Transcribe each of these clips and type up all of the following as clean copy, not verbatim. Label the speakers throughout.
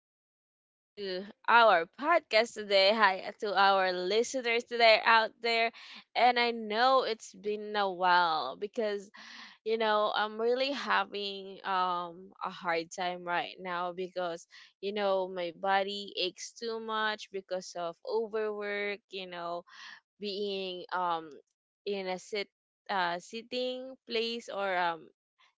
Speaker 1: Welcome back to our podcast today. Hi to our listeners today out there. And I know it's been a while because, I'm really having a hard time right now because, my body aches too much because of overwork, being in a sitting place or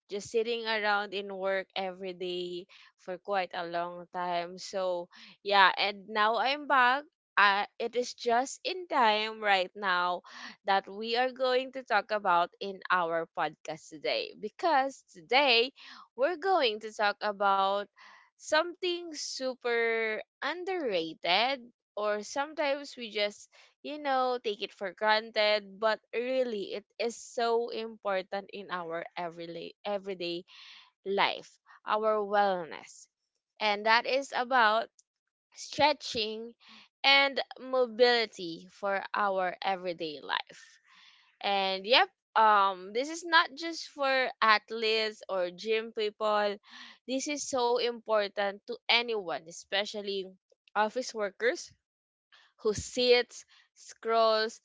Speaker 1: just sitting around in work every day for quite a long time. So, yeah, and now I'm back. It is just in time right now that we are going to talk about in our podcast today, because today we're going to talk about something super underrated or sometimes we just take it for granted, but really it is so important in our everyday life, our wellness. And that is about stretching and mobility for our everyday life. And yep, this is not just for athletes or gym people. This is so important to anyone, especially office workers who sits, scrolls,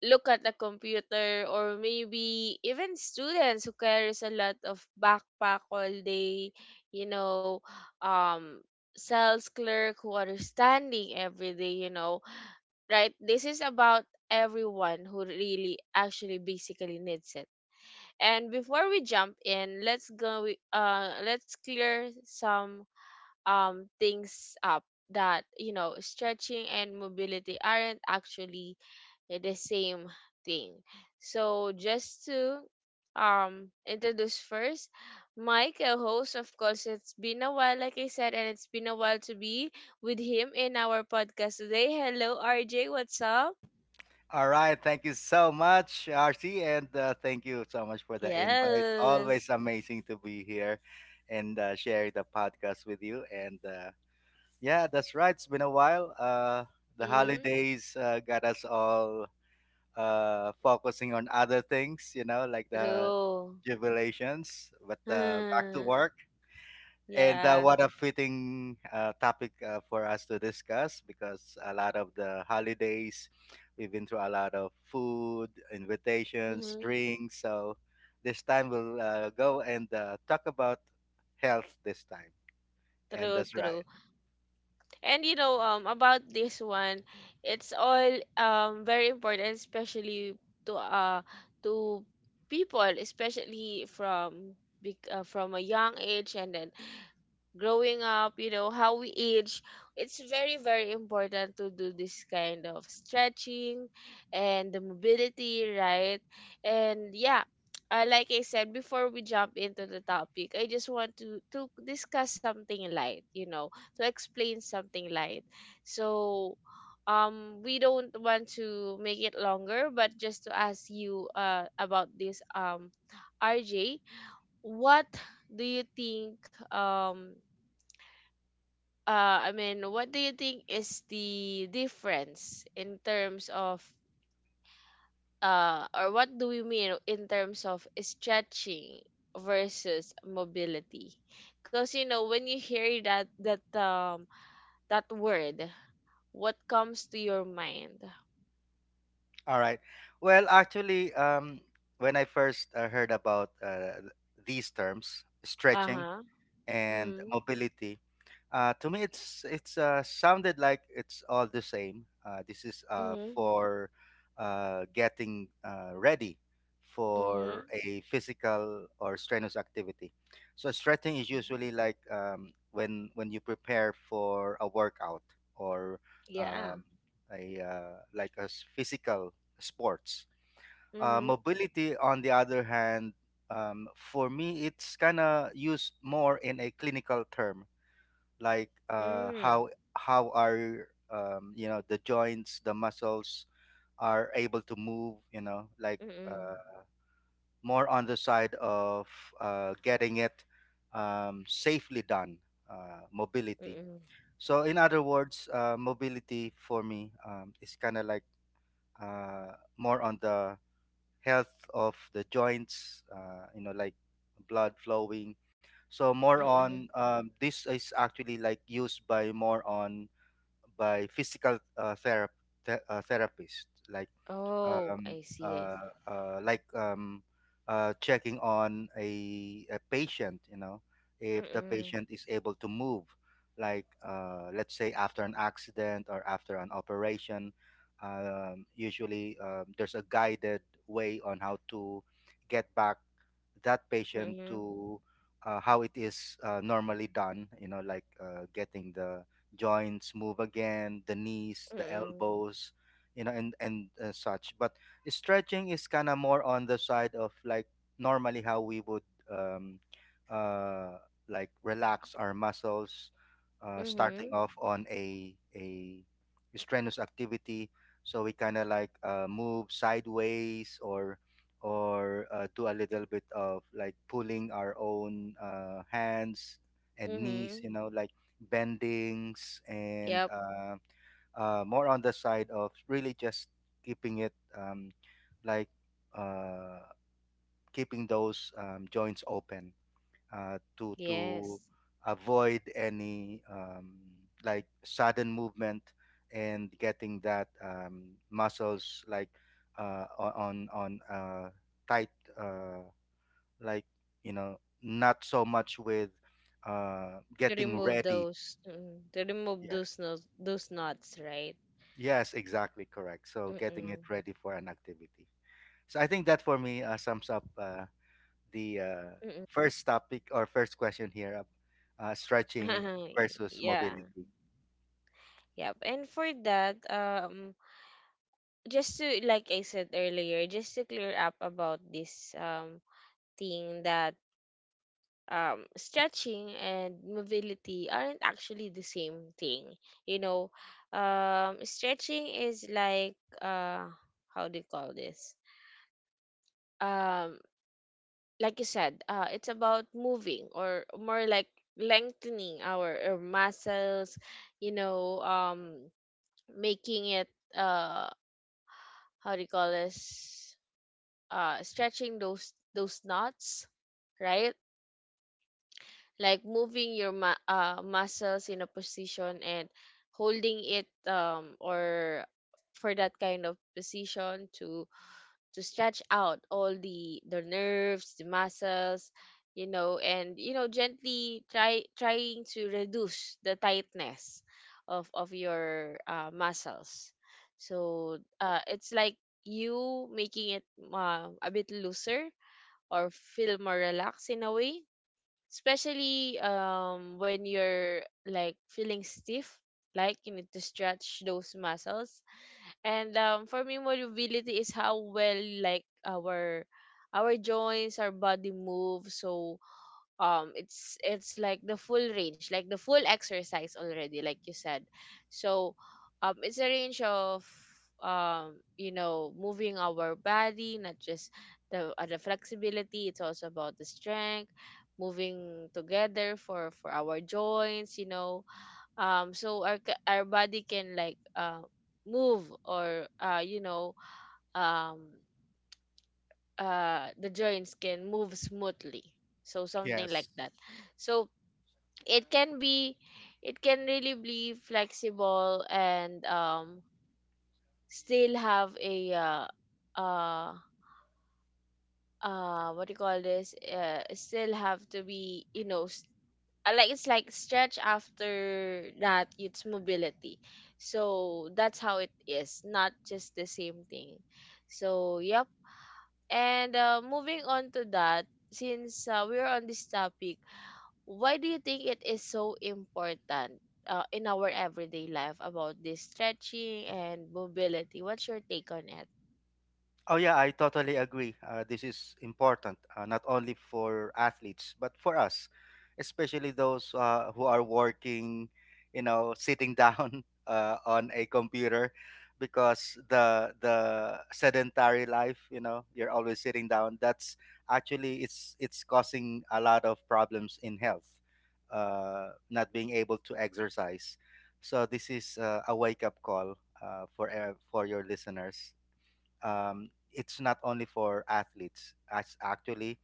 Speaker 1: look at a computer, or maybe even students who carries a lot of backpack all day, you know um sales clerk who are standing every day, right, this is about everyone who really actually basically needs it. And before we jump in, let's clear some things up, that stretching and mobility aren't actually, the same thing. So just to introduce first my co-host, of course, it's been a while, like I said, and it's been a while to be with him in our podcast today. Hello, RJ, what's up?
Speaker 2: All right. Thank you so much, RC, and thank you so much for the invite. Always
Speaker 1: Yes.
Speaker 2: amazing to be here and share the podcast with you. And Yeah, that's right. It's been a while. The
Speaker 1: Mm-hmm.
Speaker 2: holidays got us all focusing on other things, you know, like the
Speaker 1: True.
Speaker 2: jubilations, but back to work. And
Speaker 1: Yeah.
Speaker 2: what a fitting topic for us to discuss because a lot of the holidays, we've been through a lot of food, invitations,
Speaker 1: Mm-hmm.
Speaker 2: drinks. So this time we'll go and talk about health this time. And
Speaker 1: True,
Speaker 2: that's
Speaker 1: true.
Speaker 2: right.
Speaker 1: And about this one, it's all very important, especially to uh to people, especially from a young age, and then growing up, how we age, it's very, very important to do this kind of stretching and the mobility, right? And yeah, like I said, before we jump into the topic, I just want to discuss something light, to explain something light. So, we don't want to make it longer, but just to ask you about this, RJ, what do you think, um I mean, what do you think is the difference in terms of, or what do we mean in terms of stretching versus mobility? Because when you hear that word, what comes to your mind?
Speaker 2: All right. Well, actually, when I first heard about these terms,
Speaker 1: Uh
Speaker 2: stretching,
Speaker 1: huh.
Speaker 2: and
Speaker 1: Mm.
Speaker 2: mobility. To me, it's sounded like it's all the same. This is
Speaker 1: Mhm.
Speaker 2: for getting ready for
Speaker 1: Mhm.
Speaker 2: a physical or strenuous activity. So stretching is
Speaker 1: Mhm.
Speaker 2: usually like when you prepare for a workout or
Speaker 1: Yeah.
Speaker 2: um, a like a physical sports.
Speaker 1: Mhm.
Speaker 2: Mobility, on the other hand, for me, it's kind of used more in a clinical term, like
Speaker 1: Mhm.
Speaker 2: how are you know the joints, the muscles are able to move. You know, like
Speaker 1: Mhm.
Speaker 2: uh, more on the side of getting it safely done. Mobility.
Speaker 1: Mhm.
Speaker 2: So, in other words, mobility for me is kind of like more on the health of the joints, you know, like blood flowing. So more
Speaker 1: Mhm.
Speaker 2: on this is actually like used by more on by physical therapists, like
Speaker 1: Oh,
Speaker 2: um,
Speaker 1: I see. I see.
Speaker 2: uh, uh, like um, checking on a patient, you know, if the
Speaker 1: Mhm.
Speaker 2: patient is able to move, like let's say after an accident or after an operation, usually there's a guided way on how to get back that patient
Speaker 1: Mhm.
Speaker 2: to how it is normally done, you know, like getting the joints move again, the knees, the
Speaker 1: Mm-mm.
Speaker 2: elbows, you know, and such. But stretching is kind of more on the side of like normally how we would um, uh, like relax our muscles starting
Speaker 1: Mhm.
Speaker 2: off on a strenuous activity, so we kind of like move sideways or or do a little bit of like pulling our own hands and knees,
Speaker 1: Mhm.
Speaker 2: you know, like bendings and
Speaker 1: Yep.
Speaker 2: more on the side of really just keeping it like uh, keeping those joints open to
Speaker 1: Yes.
Speaker 2: avoid any like sudden movement and getting that muscles like on tight uh, like, you know, not so much with
Speaker 1: To
Speaker 2: getting
Speaker 1: remove
Speaker 2: ready.
Speaker 1: those, mm, to remove
Speaker 2: Yeah,
Speaker 1: those nuts, right?
Speaker 2: yes, exactly, correct, so getting it
Speaker 1: Mm-mm.
Speaker 2: ready for an activity. So I think that for me sums up the
Speaker 1: Mm-mm.
Speaker 2: first topic or first question here, stretching versus
Speaker 1: Yeah.
Speaker 2: mobility.
Speaker 1: Yep. And for that, just to, like I said earlier, just to clear up about this, thing that stretching and mobility aren't actually the same thing. You know, stretching is like, uh, how do you call this? um like you said, it's about moving or more like lengthening our muscles, you know, um, making it, uh, how do you call this? Stretching those knots, right? Like moving your muscles in a position and holding it, or for that kind of position to stretch out all the nerves, the muscles, and gently trying to reduce the tightness of your muscles. So, it's like you making it a bit looser or feel more relaxed in a way, especially when you're like feeling stiff, like you need to stretch those muscles. And for me, mobility is how well, like, our joints, our body move. So it's like the full range, like the full exercise already, like you said. So it's a range of, moving our body, not just the flexibility. It's also about the strength moving together for our joints, so our our body can, like, move or um the joints can move smoothly, so something like
Speaker 2: Yes.
Speaker 1: that. So it can be, it can really be flexible and still have a uh, what do you call this, still have to be, like, it's like stretch, after that it's mobility. So that's how it is, not just the same thing. So yep, and moving on to that, since we're on this topic, why do you think it is so important, in our everyday life about this stretching and mobility? What's your take on it?
Speaker 2: Oh yeah, I totally agree. This is important, not only for athletes but for us, especially those who are working, you know, sitting down on a computer, because the sedentary life, you know, you're always sitting down. That's actually it's causing a lot of problems in health, not being able to exercise. So this is a wake up call for your listeners. It's not only for athletes. As actually,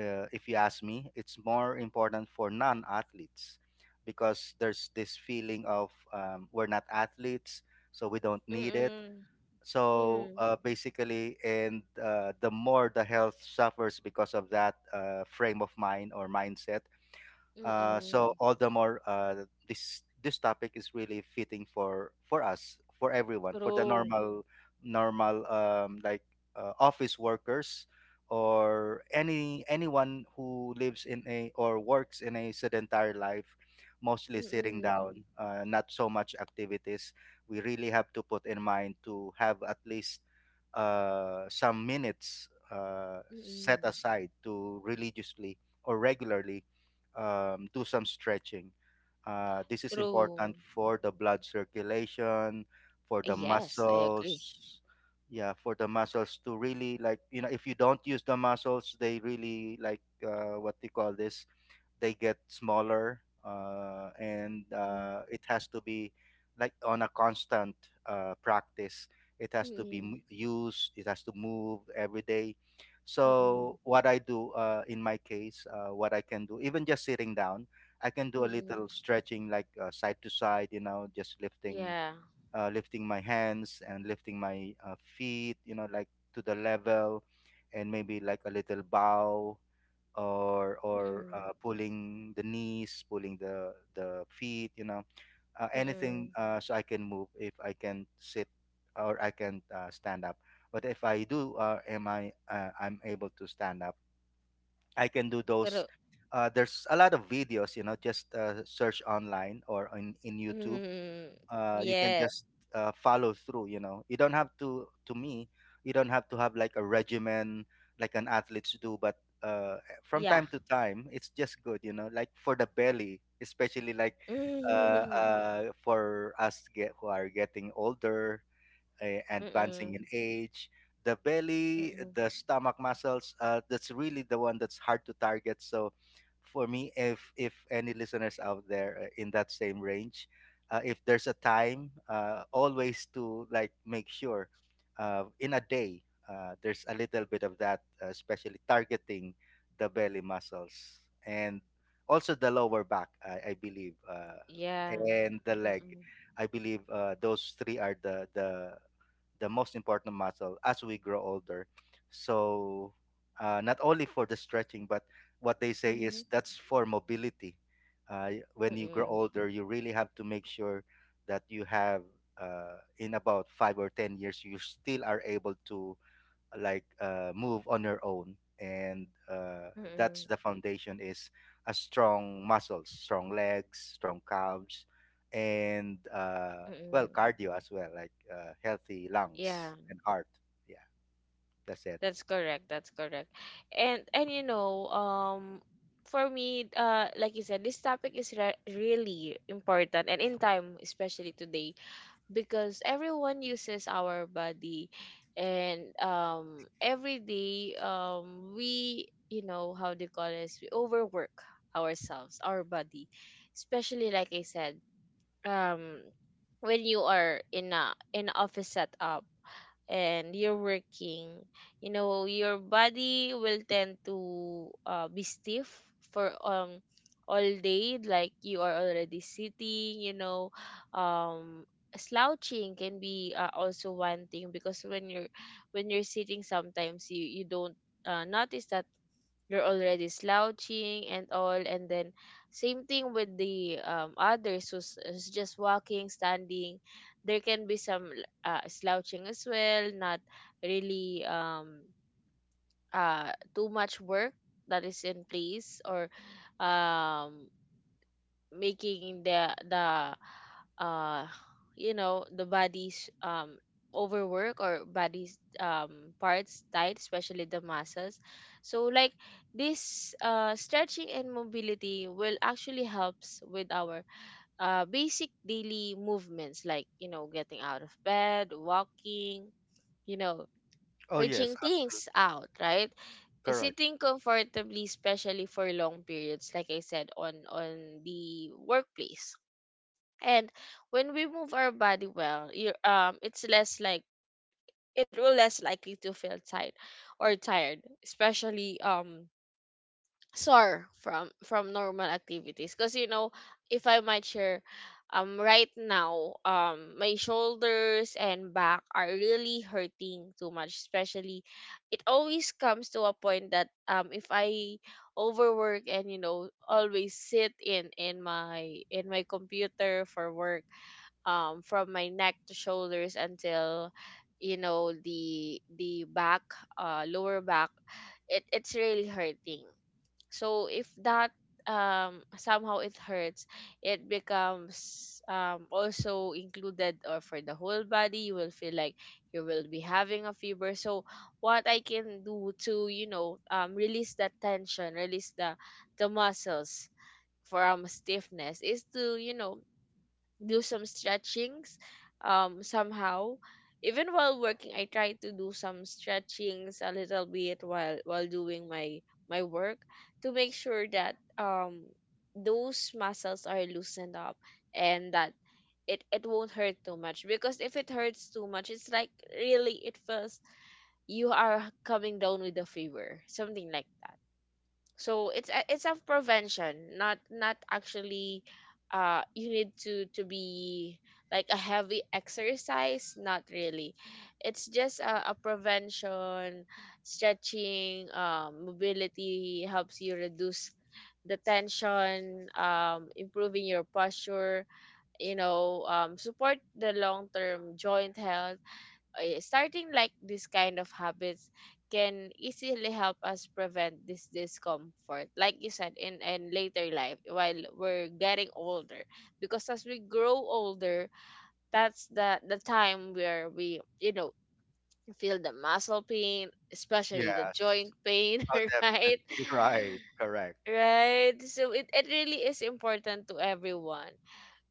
Speaker 2: if you ask me, it's more important for non-athletes because there's this feeling of we're not athletes, so we don't need it.
Speaker 1: Mm-mm.
Speaker 2: So
Speaker 1: Mm.
Speaker 2: basically, and the more the health suffers because of that frame of mind or mindset, so
Speaker 1: Mm-mm.
Speaker 2: all the more this topic is really fitting for us, for everyone, for the
Speaker 1: True.
Speaker 2: normal like office workers or anyone who lives in a or works in a sedentary life, mostly sitting
Speaker 1: Mm-mm.
Speaker 2: down, not so much activities. We really have to put in mind to have at least some minutes set
Speaker 1: Mm-mm.
Speaker 2: aside to religiously or regularly do some stretching. This is
Speaker 1: True.
Speaker 2: important for the blood circulation, for the
Speaker 1: Yes, I agree.
Speaker 2: muscles. Yeah, for the muscles to really like, you know, if you don't use the muscles, they really like what do you call this? They get smaller, uh, and
Speaker 1: Mm.
Speaker 2: uh, it has to be like on a constant practice. It has to be
Speaker 1: Mm-mm.
Speaker 2: used, it has to move every day. So
Speaker 1: Mm-mm.
Speaker 2: what I do in my case, what I can do even just sitting down, I can do a little
Speaker 1: Mm-mm.
Speaker 2: stretching like side to side, you know, just lifting
Speaker 1: Yeah.
Speaker 2: lifting my hands and lifting my feet, you know, like to the level, and maybe like a little bow or or
Speaker 1: Mm-mm.
Speaker 2: uh, pulling the knees, pulling the feet, you know, anything,
Speaker 1: Mm-mm.
Speaker 2: so I can move if I can sit or I can stand up. But if I do, am I I'm able to stand up? I can do those.
Speaker 1: True.
Speaker 2: There's a lot of videos, you know, just search online or in YouTube,
Speaker 1: Mm.
Speaker 2: you can
Speaker 1: Yeah.
Speaker 2: just follow through. You know, you don't have to. To me, you don't have to have like a regimen like an athletes do. But uh, from
Speaker 1: Yeah.
Speaker 2: time to time, it's just good. You know, like for the belly, especially like
Speaker 1: Mm-mm.
Speaker 2: for us get who are getting older, advancing in age, the belly,
Speaker 1: Mm-mm.
Speaker 2: the stomach muscles. That's really the one that's hard to target. So, for me, if any listeners out there in that same range, if there's a time, always to like make sure in a day there's a little bit of that, especially targeting the belly muscles and also the lower back. I believe.
Speaker 1: Yeah.
Speaker 2: And the leg. I believe those three are the the most important muscle as we grow older. So, not only for the stretching, but what they say is
Speaker 1: Mhm.
Speaker 2: that's for mobility. When you grow
Speaker 1: Mm-mm.
Speaker 2: older, you really have to make sure that you have, in about five or 10 years, you still are able to like move on your own and that's
Speaker 1: Mm-mm.
Speaker 2: the foundation is a strong muscles, strong legs, strong calves, and well,
Speaker 1: Mm-mm.
Speaker 2: cardio as well, like healthy
Speaker 1: Yeah,
Speaker 2: lungs and heart. Yeah, that's it.
Speaker 1: that's correct. That's correct. And for me, like you said, this topic is really important and in time, especially today, because everyone uses our body, and every day we, how they call this, we overwork ourselves, our body, especially like I said, um when you are in office setup and you're working, your body will tend to, be stiff for all day, like you are already sitting. Um Slouching can be, also one thing, because when you're sitting sometimes you don't, notice that you're already slouching and all. And then same thing with the, others who's just walking, standing, there can be some, slouching as well, not really too much work that is in place or um making the uh you know the body's, overwork, or body's parts tight, especially the muscles. So, like, this stretching and mobility will actually helps with our basic daily movements, like, getting out of bed, walking, you know
Speaker 2: Oh yes,
Speaker 1: reaching things out, right,
Speaker 2: correct.
Speaker 1: sitting comfortably, especially for long periods, like I said, on the workplace. And when we move our body well, you it's less like it will less likely to feel tight or tired, especially sore from normal activities. Cause if I might share, right now, my shoulders and back are really hurting too much, especially, it always comes to a point that, if I overwork and always sit in my computer for work, from my neck to shoulders until, the back, lower back, it's really hurting. So if that, somehow it hurts, it becomes, also included, or for the whole body you will feel like you will be having a fever. So what I can do, to, release that tension, release the muscles from stiffness, is to, do some stretchings, somehow, even while working I try to do some stretchings a little bit, while doing my work, to make sure that those muscles are loosened up, and that it won't hurt too much, because if it hurts too much it's like really, it feels you are coming down with a fever, something like that. So it's, it's of prevention, not actually, you need to be like a heavy exercise, not really, it's just a prevention. Stretching, mobility helps you reduce the tension, improving your posture, support the long term joint health. Starting like this kind of habits can easily help us prevent this discomfort, like you said, in later life while we're getting older, because as we grow older, that's the time where we, feel the muscle pain, especially the
Speaker 2: Yes.
Speaker 1: joint pain,
Speaker 2: Oh,
Speaker 1: right?
Speaker 2: definitely right, correct.
Speaker 1: Right, so it really is important to everyone.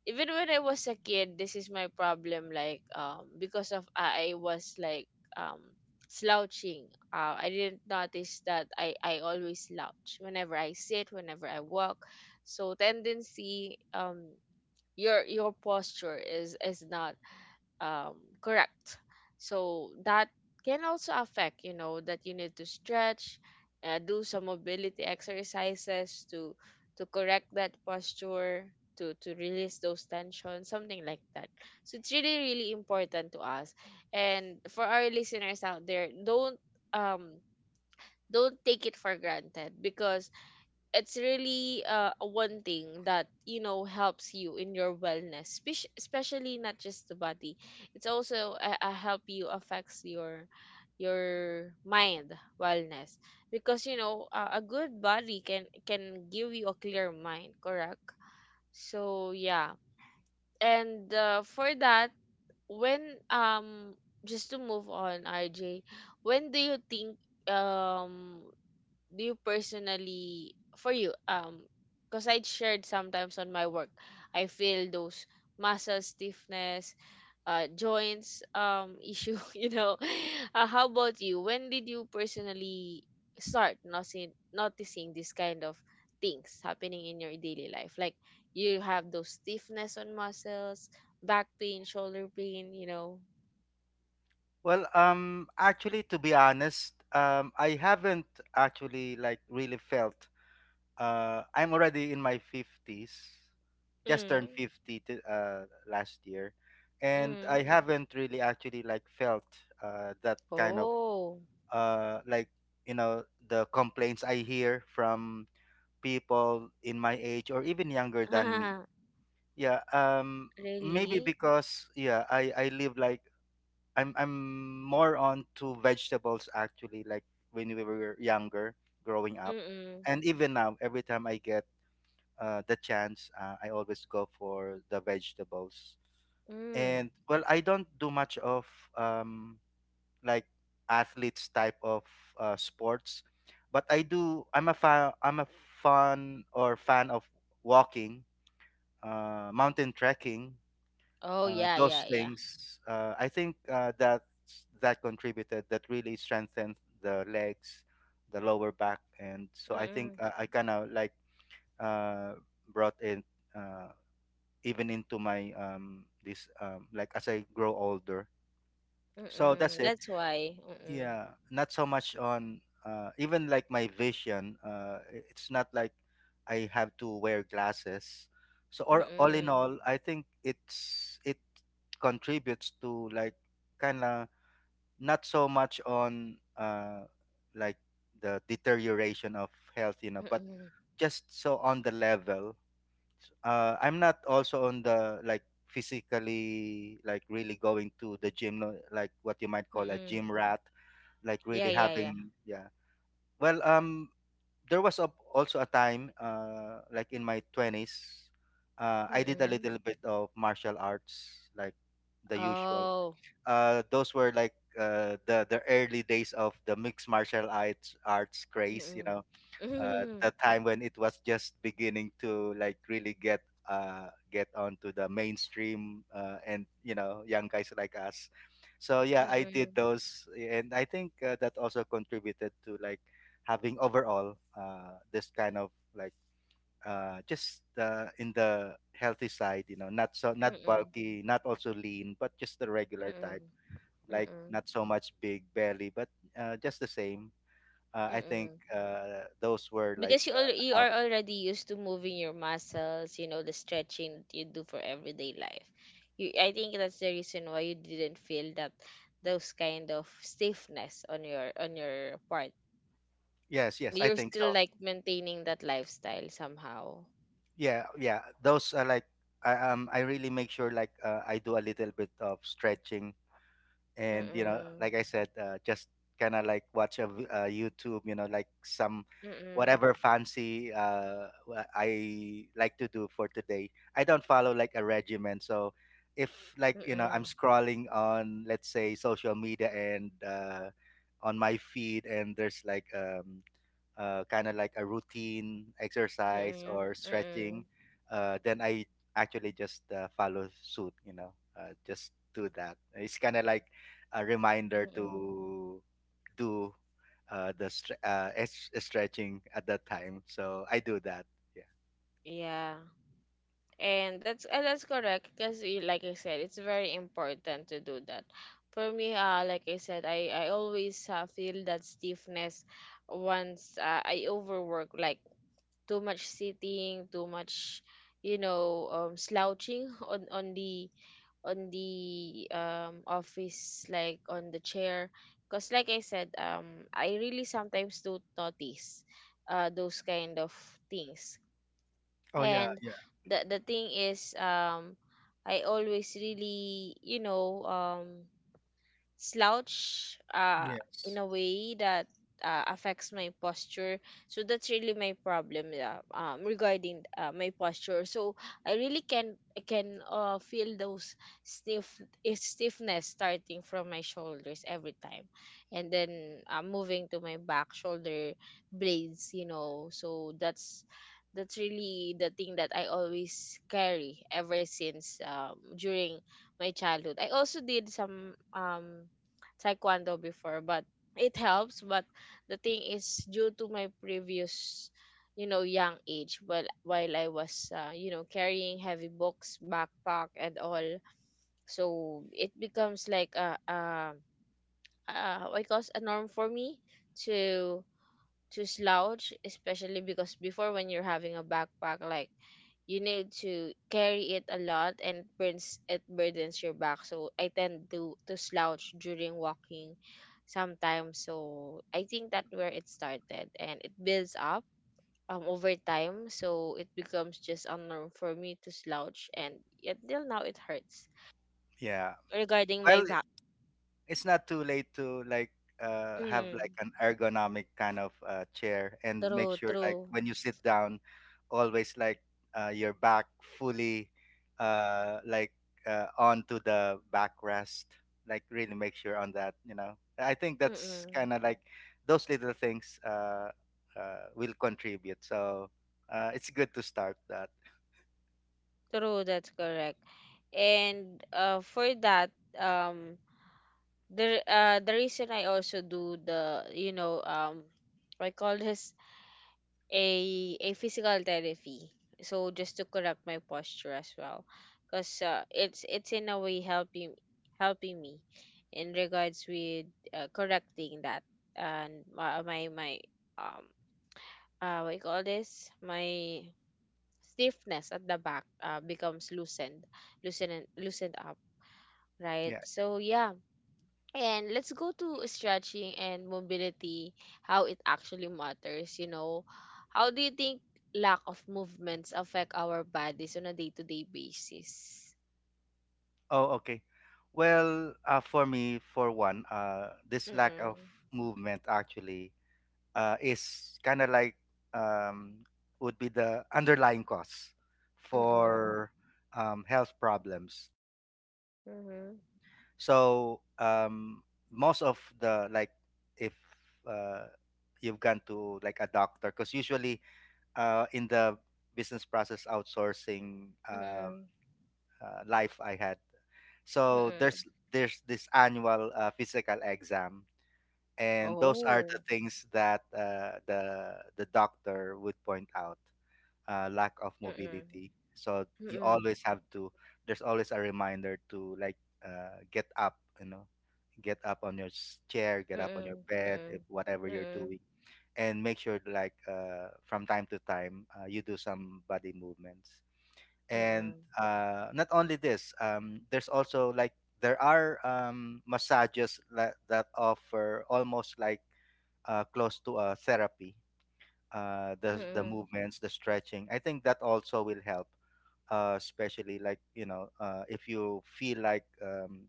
Speaker 1: Even when I was a kid, this is my problem. Like, because of, I was like, um slouching. I didn't notice that I always slouch, whenever I sit, whenever I walk. So, tendency, your posture is not, um, correct. So that can also affect, that you need to stretch, do some mobility exercises to correct that posture, to release those tensions, something like that. So it's really really important to us. And for our listeners out there, don't um don't take it for granted because it's really one thing that helps you in your wellness especially not just the body. It's also a help, you affects your mind wellness, because a good body can give you a clear mind, correct? So yeah. And for that, when um just to move on, RJ, when do you think, um do you personally, for you, because I shared sometimes on my work, I feel those muscle stiffness, joints issue, how about you? When did you personally start noticing this kind of things happening in your daily life, like you have those stiffness on muscles, back pain, shoulder pain, you know?
Speaker 2: Well, actually, to be honest, I haven't actually like really felt I'm already in my 50s. Just turned
Speaker 1: Mm,
Speaker 2: 50 last year. And I
Speaker 1: mm.
Speaker 2: haven't really actually like felt that kind of
Speaker 1: Oh,
Speaker 2: like, you know, the complaints I hear from people in my age or even younger than me. Yeah, maybe
Speaker 1: really.
Speaker 2: because, yeah, I live like I'm more on to vegetables, actually, like when we were younger growing up,
Speaker 1: Mm-mm.
Speaker 2: and even now every time I get the chance, I always go for the vegetables.
Speaker 1: Mm.
Speaker 2: And well, I don't do much of um, like athletes type of sports, but I do. I'm a fan. I'm a fan or fan of walking, mountain trekking,
Speaker 1: Oh, yeah,
Speaker 2: those
Speaker 1: yeah, yeah.
Speaker 2: things. I think that that contributed. That really strengthened the legs, the lower back, and so I think
Speaker 1: Mm-mm.
Speaker 2: I kind of like uh, brought in. uh, Even into my this like as I grow older. So that's
Speaker 1: Mm-mm.
Speaker 2: it.
Speaker 1: That's why. Mm-mm.
Speaker 2: Yeah, not so much on even like my vision. It's not like I have to wear glasses. So or all in
Speaker 1: Mm-mm.
Speaker 2: all, I think it's it contributes to like kind of not so much on like the deterioration of health, you know, but
Speaker 1: Mm-mm.
Speaker 2: just so on the level. I'm not also on the like physically like really going to the gym, no, like what you might call a
Speaker 1: Mm-mm.
Speaker 2: gym rat, like
Speaker 1: Yeah,
Speaker 2: really
Speaker 1: yeah, yeah.
Speaker 2: having, yeah. Well, there was also a time like in my twenties, I did a
Speaker 1: Mm-mm.
Speaker 2: little bit of martial arts, like the usual.
Speaker 1: Oh.
Speaker 2: Those were like the early days of the mixed martial arts arts craze, you
Speaker 1: Mm-mm.
Speaker 2: know,
Speaker 1: Mm-mm.
Speaker 2: the time when it was just beginning to like really get onto the mainstream, and you know, young guys like us. So yeah, I did
Speaker 1: Mm-mm.
Speaker 2: those and I think that also contributed to like having overall this kind of like just in the healthy side, you know, not so not
Speaker 1: Mm-mm.
Speaker 2: bulky, not also lean, but just the regular type,
Speaker 1: Mm-mm.
Speaker 2: like
Speaker 1: Mm-mm.
Speaker 2: not so much big belly, but just the same. I think
Speaker 1: Mm-mm.
Speaker 2: those were like
Speaker 1: Because you
Speaker 2: how.
Speaker 1: are
Speaker 2: It,
Speaker 1: already used to moving your muscles, you know, the stretching that you do for everyday life. You, I think that's the reason why you didn't feel that those kind of stiffness on your part,
Speaker 2: yes, yes, I
Speaker 1: you're
Speaker 2: think
Speaker 1: still
Speaker 2: so.
Speaker 1: like maintaining that lifestyle somehow.
Speaker 2: Yeah, yeah. Those are like I really make sure like I do a little bit of stretching and you know
Speaker 1: Mm-mm.
Speaker 2: like I said, just kind of like watch YouTube, you know, like some
Speaker 1: Mm-mm.
Speaker 2: whatever fancy I like to do for today. I don't follow like a regimen. So if like, you know, I'm
Speaker 1: Mm-mm.
Speaker 2: scrolling on, let's say, social media and on my feed and there's like kind of like a routine exercise
Speaker 1: Mm-mm.
Speaker 2: or stretching,
Speaker 1: Mm-mm.
Speaker 2: then I actually just follow suit, you know, just do that. It's kind of like a reminder
Speaker 1: Mm-mm.
Speaker 2: to do stretching at that time. So I do that. Yeah.
Speaker 1: Yeah. And that's correct, because like I said, it's very important to do that. For me, like I said, I always feel that stiffness once I overwork, like too much sitting, too much, you know, slouching on the on the office, like on the chair, because like I said, I really sometimes do notice those kind of things.
Speaker 2: Oh yeah,
Speaker 1: And
Speaker 2: yeah.
Speaker 1: the thing is, I always really, slouch in
Speaker 2: Yes.
Speaker 1: a way that affects my posture. So that's really my problem, yeah, regarding my posture. So I really can, I can feel those stiff stiffness starting from my shoulders every time, and then moving to my back, shoulder blades. You know, so that's really the thing that I always carry ever since, during my childhood. I also did some taekwondo before, but it helps. But the thing is, due to my previous, you know, young age, while I was, you know, carrying heavy books, backpack, and all, so it becomes like a what you calls a norm for me to to slouch, especially because before when you're having a backpack, like you need to carry it a lot and it burdens your back. So I tend to slouch during walking sometimes. So I think that where it started, and it builds up over time, so it becomes just a norm for me to slouch, and yet till now it hurts
Speaker 2: Yeah.
Speaker 1: regarding my
Speaker 2: Well,
Speaker 1: back.
Speaker 2: it's not too late to like have like
Speaker 1: Mm,
Speaker 2: an ergonomic kind of chair and make
Speaker 1: true,
Speaker 2: sure like
Speaker 1: true.
Speaker 2: when you sit down always like your back fully uh like onto the backrest, like really make sure on that, you know. I think that's
Speaker 1: Mm-mm.
Speaker 2: kind of like those little things will contribute. So it's good to start that.
Speaker 1: True, that's correct. And for that, um the reason I also do the, I call this a physical therapy. So just to correct my posture as well, because it's in a way helping helping me in regards with correcting that. And my um what you call this, my stiffness at the back becomes loosened up, right?
Speaker 2: Yeah.
Speaker 1: So yeah. And let's go to stretching and mobility, how it actually matters. You know, how do you think lack of movements affect our bodies on a day to day basis?
Speaker 2: Oh, okay. Well, for me, for one, this lack of
Speaker 1: Mm-mm.
Speaker 2: movement actually is kind of like um, would be the underlying cause
Speaker 1: Mm-mm.
Speaker 2: for health problems.
Speaker 1: Mm-hmm.
Speaker 2: So most of the like, if uh, you've gone to like a doctor, because usually in the business process outsourcing
Speaker 1: Mm-mm.
Speaker 2: life I had. So
Speaker 1: Mm-mm.
Speaker 2: there's this annual physical exam, and those are the
Speaker 1: Oh.
Speaker 2: things that the doctor would point out, lack of
Speaker 1: Mm-mm.
Speaker 2: mobility. So you
Speaker 1: Mm-mm.
Speaker 2: always have to. There's always a reminder to like get up, you know, get up on your chair, get up on your bed, if
Speaker 1: Mm-mm.
Speaker 2: whatever
Speaker 1: Mm-mm.
Speaker 2: you're
Speaker 1: Mm-mm.
Speaker 2: doing, and make sure like from time to time you do some body movements. And not only this there's also like there are massages that, that offer almost like close to a therapy,
Speaker 1: Mm-mm.
Speaker 2: the
Speaker 1: Mm-mm.
Speaker 2: movements, the stretching, I think that also will help, especially like, you know, if you feel like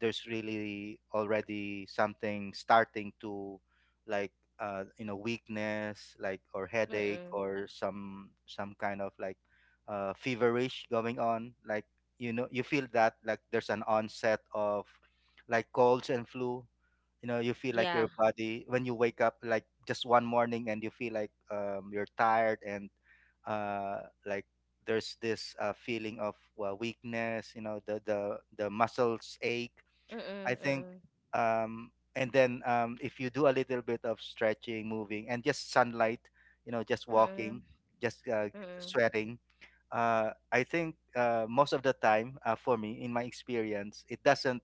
Speaker 2: there's really already something starting to like you know, weakness like or headache
Speaker 1: Mm-mm.
Speaker 2: or some kind of like feverish going on, like you know you feel that like there's an onset of like colds and flu. You know, you feel like
Speaker 1: Yeah.
Speaker 2: your body when you wake up like just one morning and you feel like you're tired and like there's this feeling of weakness, you know, the the muscles ache, I
Speaker 1: Mm-mm.
Speaker 2: think,
Speaker 1: Mm-mm.
Speaker 2: and then if you do a little bit of stretching, moving, and just sunlight, you know, just
Speaker 1: Mm-mm.
Speaker 2: walking, just
Speaker 1: Mm-mm.
Speaker 2: sweating, I think most of the time, for me in my experience, it doesn't,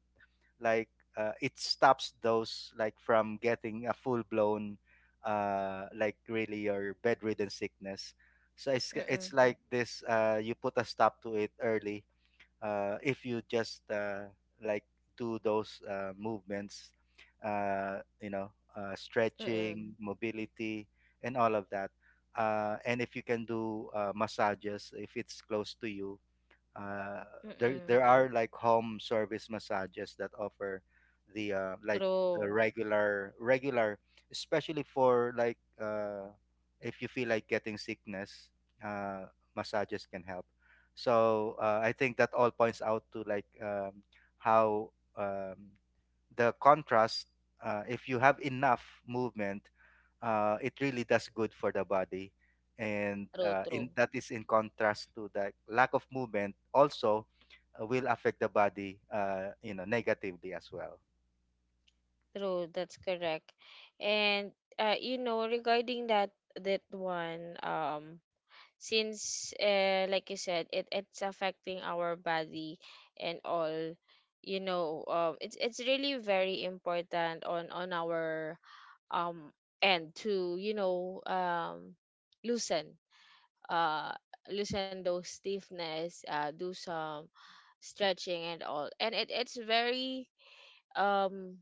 Speaker 2: like it stops those like from getting a full blown like really your bedridden sickness. So
Speaker 1: Mm-mm.
Speaker 2: it's like this, you put a stop to it early if you just like do those movements, you know,
Speaker 1: Mm-mm.
Speaker 2: stretching, mobility, and all of that. And if you can do massages if it's close to you, uh, there
Speaker 1: Mm-mm.
Speaker 2: there are like home service massages that offer the like the
Speaker 1: True.
Speaker 2: regular especially for like if you feel like getting sickness, uh, massages can help. So I think that all points out to like how um, the contrast, if you have enough movement, it really does good for the body. And
Speaker 1: True, true.
Speaker 2: in that, is in contrast to the lack of movement also will affect the body, you know, negatively as well.
Speaker 1: True, that's correct. And you know, regarding that that one, since like you said, it it's affecting our body and all, you know, it's really very important on our um end to, loosen uh loosen those stiffness, do some stretching and all. And it it's very, um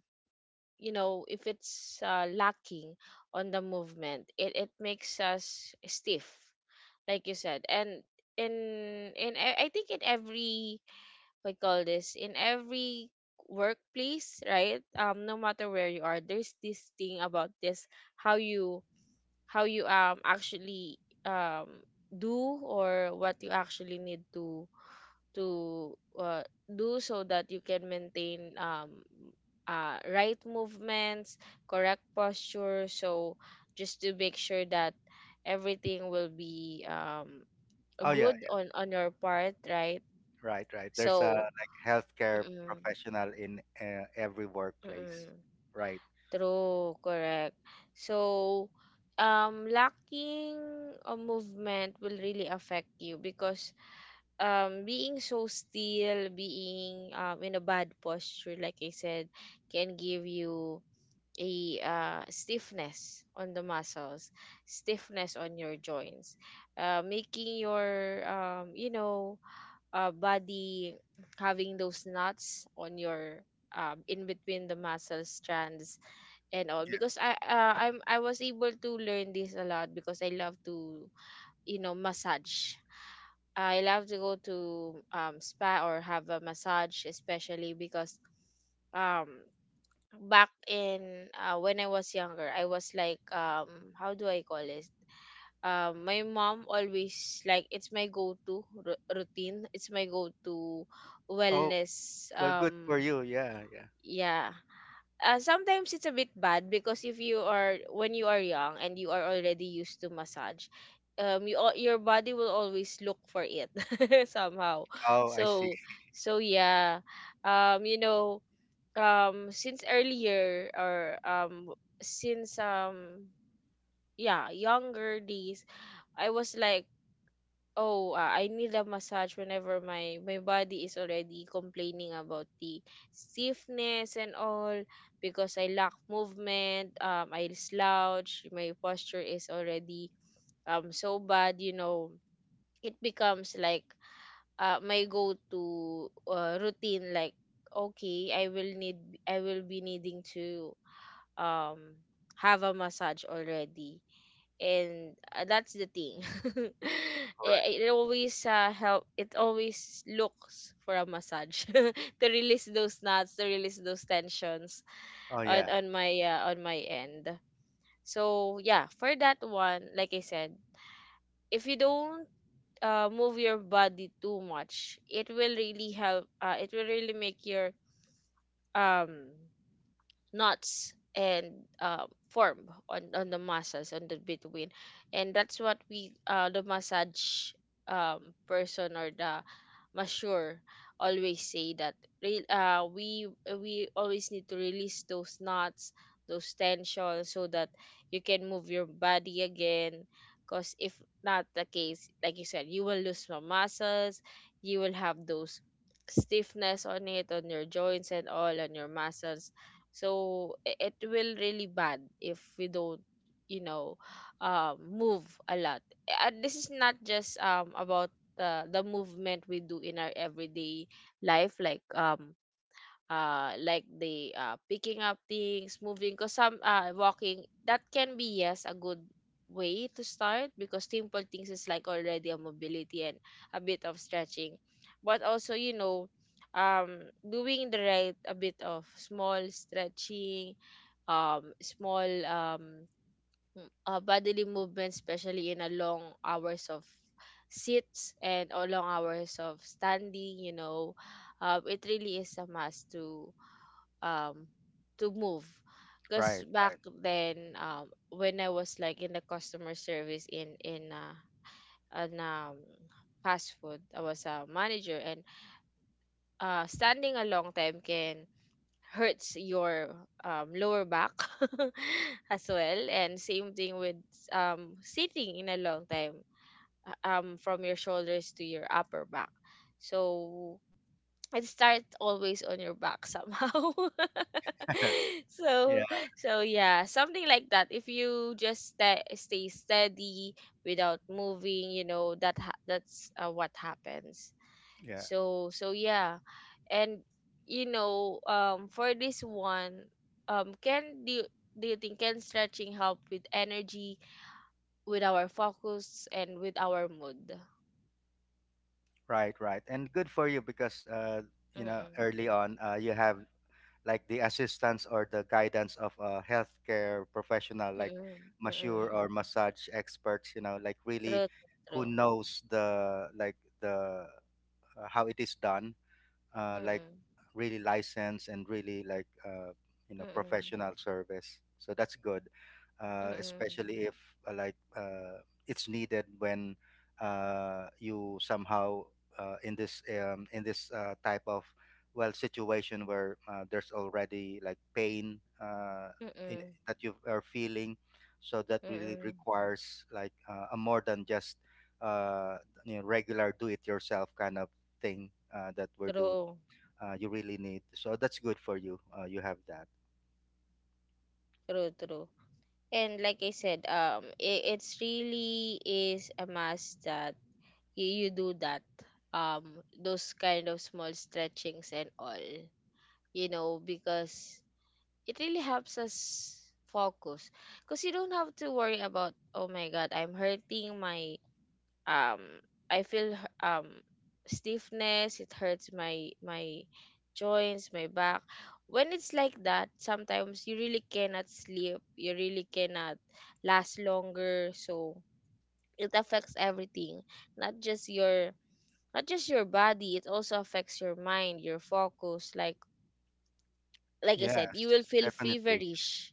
Speaker 1: you know, if it's lacking on the movement, it makes us stiff like you said. And in I think in every, we call this, in every workplace, right? No matter where you are, there's this thing about this, how you how you actually do, or what you actually need to do, so that you can maintain, right movements, correct posture. So just to make sure that everything will be,
Speaker 2: Oh yeah.
Speaker 1: good on your part, right?
Speaker 2: Right. There's a
Speaker 1: So,
Speaker 2: like healthcare
Speaker 1: mm-mm,
Speaker 2: professional in every workplace,
Speaker 1: mm-mm,
Speaker 2: right?
Speaker 1: true, correct. So, lacking a movement will really affect you, because being so still, being in a bad posture like I said can give you a stiffness on the muscles, stiffness on your joints, making your, you know, body having those knots on your in between the muscle strands and all. Because I was able to learn this a lot because I love to, you know, massage. I love to go to spa or have a massage, especially because um back in when I was younger, I was like, how do I call it? My mom always, like, it's my go-to routine. It's my go-to
Speaker 2: Oh,
Speaker 1: wellness.
Speaker 2: well, good for you. Yeah, yeah.
Speaker 1: Yeah, sometimes it's a bit bad, because if you are, when you are young and you are already used to massage, your body will always look for it somehow.
Speaker 2: Oh, I see.
Speaker 1: So so yeah, you know, since earlier, or since yeah, younger days, I was like, oh, I need a massage whenever my my body is already complaining about the stiffness and all, because I lack movement, I slouch, my posture is already, so bad, you know. It becomes like my go to routine, like, okay, I will be needing to um have a massage already. And that's the thing.
Speaker 2: Correct.
Speaker 1: It always help it always looks for a massage to release those knots, to release those tensions
Speaker 2: Oh yeah.
Speaker 1: on my end. So yeah, for that one, like I said, if you don't move your body too much, it will really help, it will really make your um knots and form on the muscles, on the between. And that's what we, the massage, um, person or the masseur always say, that re- uh, we we always need to release those knots, those tensions, so that you can move your body again. Because if not the case, like you said, you will lose some muscles, you will have those stiffness on it, on your joints and all, on your muscles. So I- it will really bad if we don't, you know, move a lot. And this is not just about the movement we do in our everyday life, like, like the picking up things, moving, because some walking, that can be, yes, a good way to start, because simple things is like already a mobility and a bit of stretching. But also, you know, um doing the right, a bit of small stretching, small bodily movement, especially in a long hours of sits, and or long hours of standing, you know, it really is a must um to move. Because
Speaker 2: right
Speaker 1: back
Speaker 2: right
Speaker 1: then, when I was like in the customer service, in an fast food, I was a manager, and standing a long time can hurts your lower back as well. And same thing with sitting in a long time, from your shoulders to your upper back. So it starts always on your back somehow. So,
Speaker 2: Yeah.
Speaker 1: so yeah, something like that. If you just stay steady without moving, you know, that that's what happens.
Speaker 2: Yeah.
Speaker 1: So so yeah. And, you know, for this one, can, do you think can stretching help with energy, with our focus and with our mood?
Speaker 2: Right, and good for you because you know,
Speaker 1: Mm-mm,
Speaker 2: early on, you have like the assistance or the guidance of a healthcare professional like
Speaker 1: mm-mm,
Speaker 2: masseur
Speaker 1: mm-mm.
Speaker 2: or massage experts, you know, like really,
Speaker 1: True, true,
Speaker 2: who
Speaker 1: true.
Speaker 2: knows the like the how it is done, like
Speaker 1: Mm-mm.
Speaker 2: really licensed and really like you know,
Speaker 1: Mm,
Speaker 2: professional service. So that's good,
Speaker 1: mm,
Speaker 2: especially if like it's needed when you somehow in this type of well situation where there's already like pain in,
Speaker 1: mm,
Speaker 2: that you are feeling. So that really
Speaker 1: mm.
Speaker 2: requires like a more than just uh, you know, regular do it yourself kind of thing that we're doing,
Speaker 1: True,
Speaker 2: you really need. So that's good for you. You have that.
Speaker 1: true, true. And like I said, it, it's really is a must that you do that, those kind of small stretchings and all, you know, because it really helps us focus. Because you don't have to worry about, oh my God, I'm hurting my, um I feel h- um stiffness, it hurts my my joints, my back. When it's like that, sometimes you really cannot sleep, you really cannot last longer, so it affects everything, not just your not just your body, it also affects your mind, your focus. Like I said, you will
Speaker 2: Yes,
Speaker 1: feel
Speaker 2: definitely.
Speaker 1: feverish,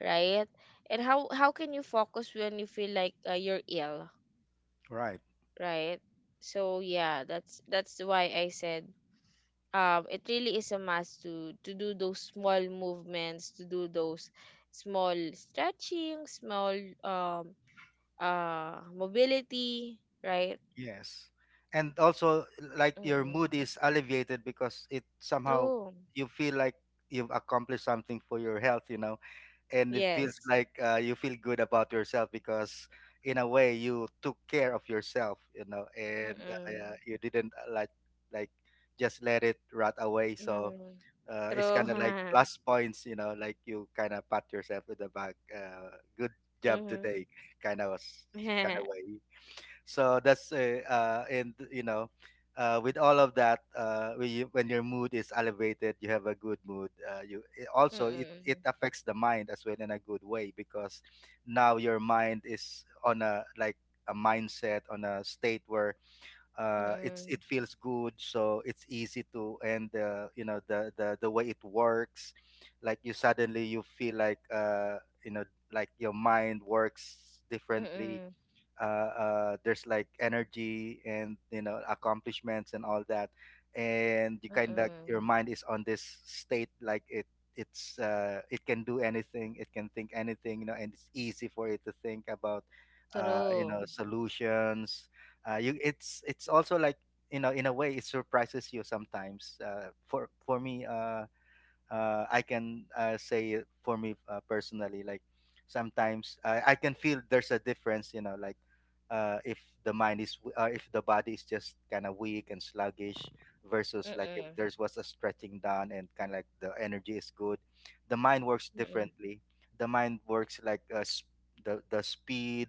Speaker 1: right? And how can you focus when you feel like you're ill?
Speaker 2: Right.
Speaker 1: Right? So yeah, that's why I said, it really is a must to do those small movements, to do those small stretching, small, um mobility, right?
Speaker 2: Yes. And also, like your
Speaker 1: Mm-mm.
Speaker 2: mood is alleviated because it somehow
Speaker 1: True.
Speaker 2: you feel like you've accomplished something for your health, you know, and it feels
Speaker 1: Yes.
Speaker 2: like you feel good about yourself because, in a way, you took care of yourself, you know, and
Speaker 1: Mm-mm.
Speaker 2: you didn't like just let it rot away. So
Speaker 1: Mm-mm.
Speaker 2: it's
Speaker 1: True.
Speaker 2: kind of like plus points, you know, like you kind of pat yourself in the back. Good job
Speaker 1: Mm-hmm.
Speaker 2: today, kind of kind of way. So that's and you know, with all of that, when, you, when your mood is elevated, you have a good mood. You, it also, it
Speaker 1: Mm-mm.
Speaker 2: affects the mind as well in a good way, because now your mind is on a like a mindset on a state where it's
Speaker 1: Mm-mm.
Speaker 2: it feels good, so it's easy to, and you know, the way it works, like you suddenly, you feel like you know, like your mind works differently,
Speaker 1: Mm-mm.
Speaker 2: there's like energy and you know, accomplishments and all that, and you kind of,
Speaker 1: Mm-mm.
Speaker 2: your mind is on this state like it it's it can do anything, it can think anything, you know, and it's easy for it to think about you
Speaker 1: True.
Speaker 2: know, solutions, you, it's also like, you know, in a way it surprises you sometimes, for me, I can say for me personally, like sometimes I can feel there's a difference, you know, like if the mind is, if the body is just kind of weak and sluggish versus like if
Speaker 1: Mm-mm.
Speaker 2: there's was a stretching done and kind of like the energy is good, the mind works
Speaker 1: Mm-mm.
Speaker 2: differently. The mind works like the speed,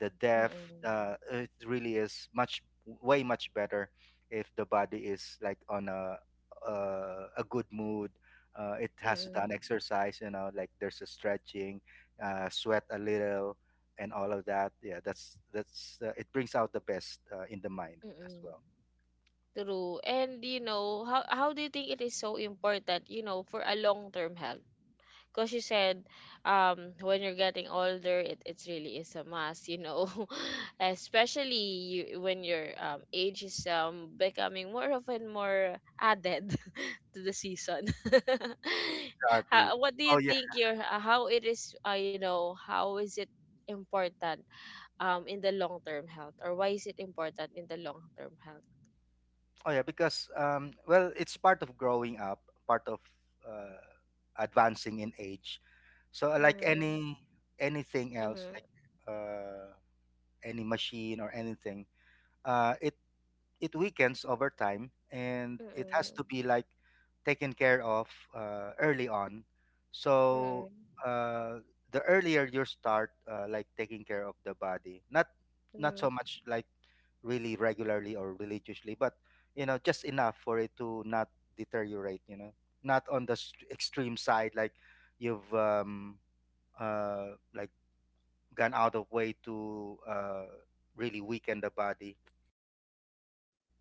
Speaker 2: the depth.
Speaker 1: Mm-mm.
Speaker 2: It really is much way much better if the body is like on a good mood, it has done
Speaker 1: Mm-mm.
Speaker 2: exercise, you know, like there's a stretching, sweat a little, and all of that. Yeah, that's it brings out the best in the mind as
Speaker 1: Mm.
Speaker 2: well.
Speaker 1: True. And, you know, how do you think it is so important, you know, for a long-term health? Because you said, when you're getting older, it really is a must, you know. Especially you, when your age is becoming more often, more added to the season.
Speaker 2: Exactly.
Speaker 1: What do you
Speaker 2: Oh yeah.
Speaker 1: think your how it is you know, how is it important in the long-term health, or why is it important in the long-term health?
Speaker 2: Oh yeah, because well, it's part of growing up, part of uh, advancing in age. So like
Speaker 1: Mhm,
Speaker 2: any anything else
Speaker 1: mhm,
Speaker 2: like uh, any machine or anything, it it weakens over time and it has
Speaker 1: mm,
Speaker 2: to be like taken care of early on. So
Speaker 1: mm,
Speaker 2: uh, the earlier you start like taking care of the body, not not so
Speaker 1: mm,
Speaker 2: much like really regularly or religiously, but you know, just enough for it to not deteriorate, you know, not on the extreme side like you've uh, like gone out of way to really weaken the body,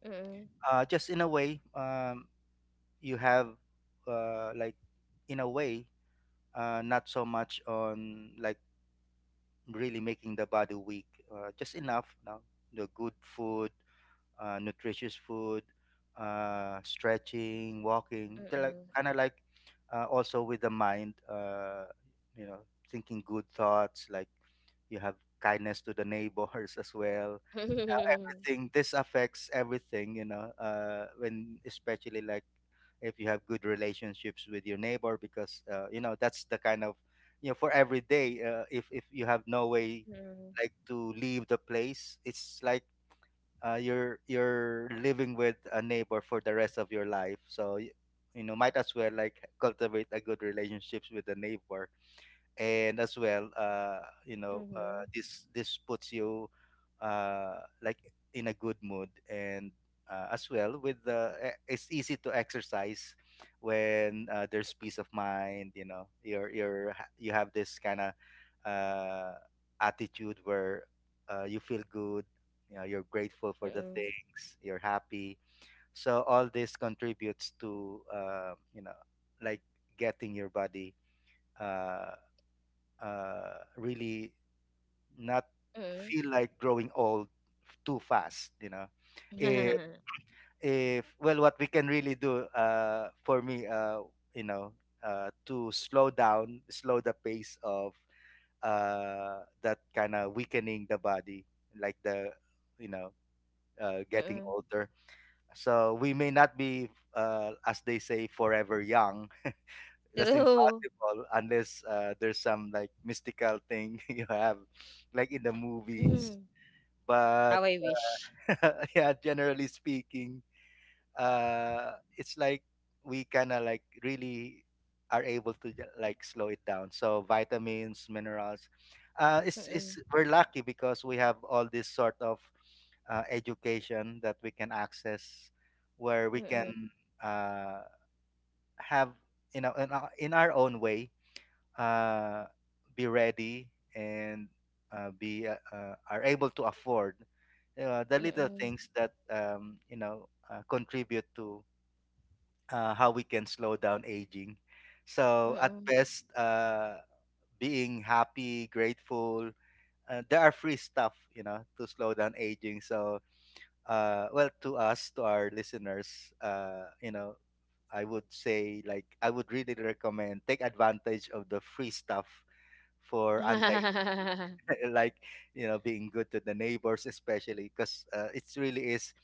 Speaker 1: mm,
Speaker 2: just in a way, you have like in a way not so much on like really making the body weak, just enough, you know, the good food, nutritious food, stretching, walking,
Speaker 1: mm, mm.
Speaker 2: kind of like also with the mind, you know, thinking good thoughts, like you have kindness to the neighbors as well.
Speaker 1: Mhm,
Speaker 2: Everything, this affects everything, you know, when especially like if you have good relationships with your neighbor because you know that's the kind of you know for every day, if you have no way like to leave the place. It's like you're living with a neighbor for the rest of your life. So you know, might as well like cultivate a good relationships with the neighbor. And as well, you know,
Speaker 1: mhm,
Speaker 2: this puts you uh like in a good mood. And as well with the it's easy to exercise when there's peace of mind. You know, you're ha- you have this kind of uh attitude where you feel good, you know, you're grateful for
Speaker 1: mm,
Speaker 2: the
Speaker 1: mm.
Speaker 2: things, you're happy. So all this contributes to, you know, like getting your body uh, really not
Speaker 1: Mm.
Speaker 2: feel like growing old too fast, you know, if if, well, what we can really do, for me, you know, to slow down, slow the pace of that kind of weakening the body, like the, you know, getting older. So we may not be, as they say, forever young. That's
Speaker 1: True.
Speaker 2: impossible unless there's some like mystical thing you have, like in the movies.
Speaker 1: Mhm.
Speaker 2: But
Speaker 1: How I wish.
Speaker 2: yeah, generally speaking, it's like we kind of like really are able to like slow it down. So vitamins, minerals, it's
Speaker 1: Mm,
Speaker 2: we're lucky because we have all this sort of education that we can access, where we
Speaker 1: mm, mm, mm.
Speaker 2: can uh, have, you know, in our own way uh, be ready, and be are able to afford the little
Speaker 1: Mm,
Speaker 2: things that you know, contribute to how we can slow down aging. So at
Speaker 1: mm,
Speaker 2: best, being happy, grateful, there are free stuff you know to slow down aging. So well, to us, to our listeners, you know, I would say like I would really recommend take advantage of the free stuff for anti like you know being good to the neighbors, especially because it really is,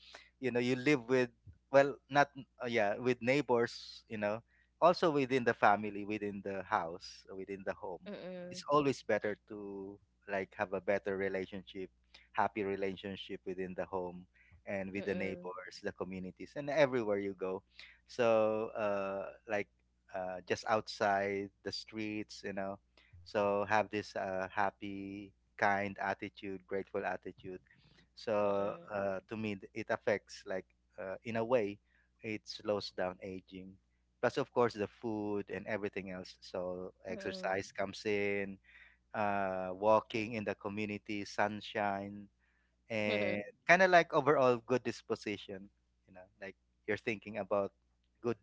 Speaker 2: you know, you live with, well, not yeah, with neighbors, you know, also within the family, within the house, within the home.
Speaker 1: mm,
Speaker 2: It's always better to like have a better relationship, happy relationship within the home and with the
Speaker 1: mm.
Speaker 2: neighbors, the communities, and everywhere you go. So like just outside the streets, you know. So have this happy, kind attitude, grateful attitude. So to me, it affects like in a way, it slows down aging. Plus, of course, the food and everything else. So exercise comes in, walking in the community, sunshine, and kind of like overall good disposition, you know, like you're thinking about good,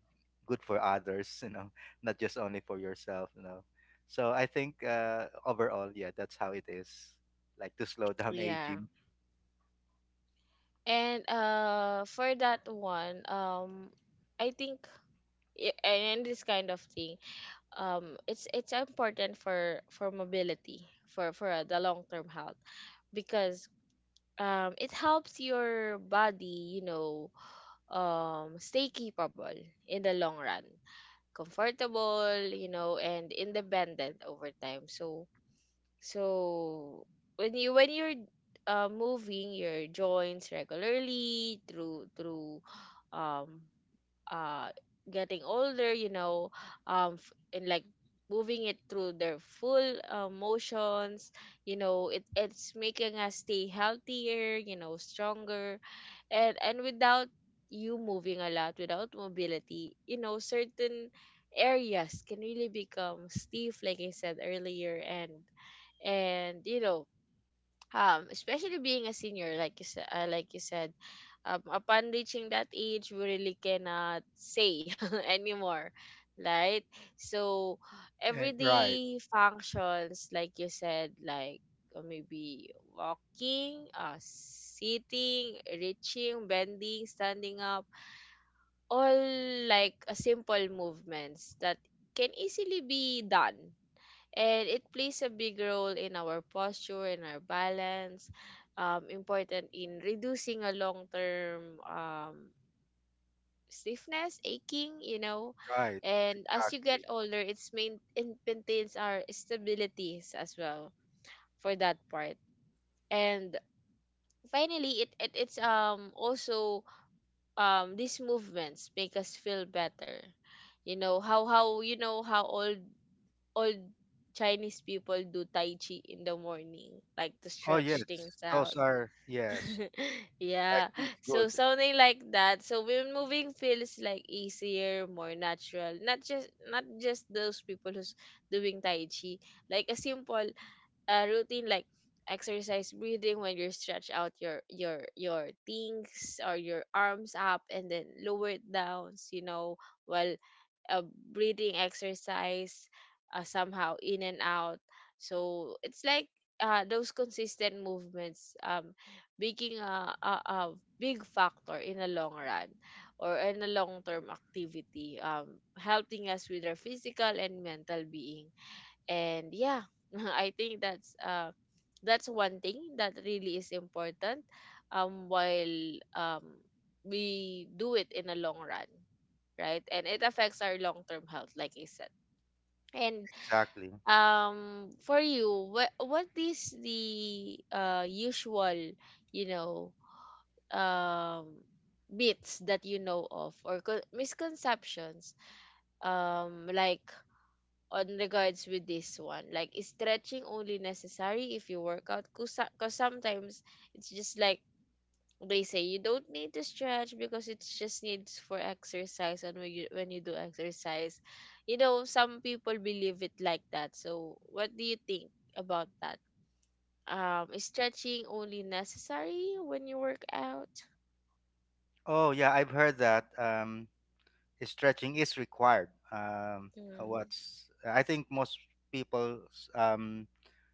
Speaker 2: good for others, you know, not just only for yourself, you know. So I think, overall, yeah, that's how it is, like, to slow down
Speaker 1: Yeah.
Speaker 2: aging.
Speaker 1: And for that one, I think and this kind of thing, it's important for mobility for the long term health because it helps your body, you know, stay capable in the long run, comfortable, you know, and independent over time. So so when you when you're moving your joints regularly through um uh getting older, you know, and like moving it through their full motions, you know, it's making us stay healthier, you know, stronger. And without you moving a lot, without mobility, you know, certain areas can really become stiff like I said earlier. And you know, especially being a senior like you said, upon reaching that age we really cannot say anymore, right? So
Speaker 2: Eh, right.
Speaker 1: everyday functions like you said, like maybe walking, sitting, reaching, bending, standing up, all like simple movements that can easily be done. And it plays a big role in our posture and our balance, important in reducing a long-term stiffness, aching, you know.
Speaker 2: Right,
Speaker 1: And as you get
Speaker 2: exactly.
Speaker 1: older, it maintains our stabilities as well, for that part. And finally, it's also, these movements make us feel better. You know how old old Chinese people do tai chi in the morning, like to
Speaker 2: Oh
Speaker 1: stretch things
Speaker 2: yes, those
Speaker 1: out.
Speaker 2: are, yes, tai
Speaker 1: Yeah.
Speaker 2: chi is
Speaker 1: So
Speaker 2: good.
Speaker 1: something like that. So when moving feels like easier, more natural. Not just those people who's doing tai chi. Like a simple routine, like exercise, breathing, when you stretch out your your things or your arms up and then lower it down, you know, while a breathing exercise, somehow in and out. So it's like those consistent movements, making a big factor in the long run, or in a long term activity, helping us with our physical and mental being. And yeah, I think that's one thing that really is important while we do it in a long run, right? And it affects our long-term health, like I said. And
Speaker 2: Exactly.
Speaker 1: for you, what is the usual, you know, um myths that you know of, or misconceptions like on regards with this one, like is stretching only necessary if you work out? Because sometimes it's just like they say you don't need to stretch because it just needs for exercise and when you do exercise, you know, some people believe it like that. So what do you think about that? Is stretching only necessary when you work out?
Speaker 2: Oh yeah, I've heard that. Stretching is required.
Speaker 1: Mm.
Speaker 2: What's, I think most people um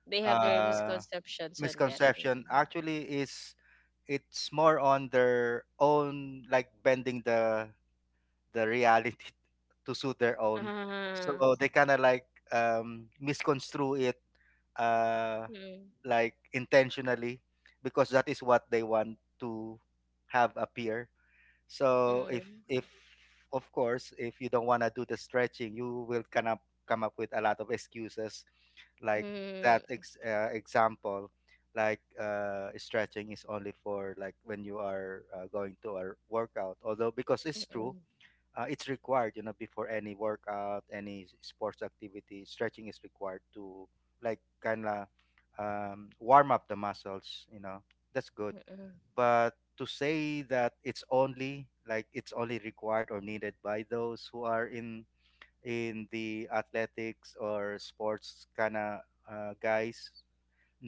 Speaker 1: They have their
Speaker 2: uh,
Speaker 1: misconceptions on that.
Speaker 2: misconception
Speaker 1: Mm-mm.
Speaker 2: actually is it's more on their own like bending the reality to suit their own.
Speaker 1: Ah,
Speaker 2: So they kind of like misconstrue it, uh,
Speaker 1: mm,
Speaker 2: like intentionally, because that is what they want to have appear. So
Speaker 1: mm,
Speaker 2: if, of course, if you don't want to do the stretching, you will kind of come up with a lot of excuses, like that
Speaker 1: mm,
Speaker 2: example, like, stretching is only for like when you are going to a workout, although because it's true,
Speaker 1: mm,
Speaker 2: it's required, you know, before any workout, any sports activity, stretching is required to like kind of warm up the muscles, you know, that's good.
Speaker 1: mm,
Speaker 2: But to say that it's only like it's only required or needed by those who are in the athletics or sports kind of guys.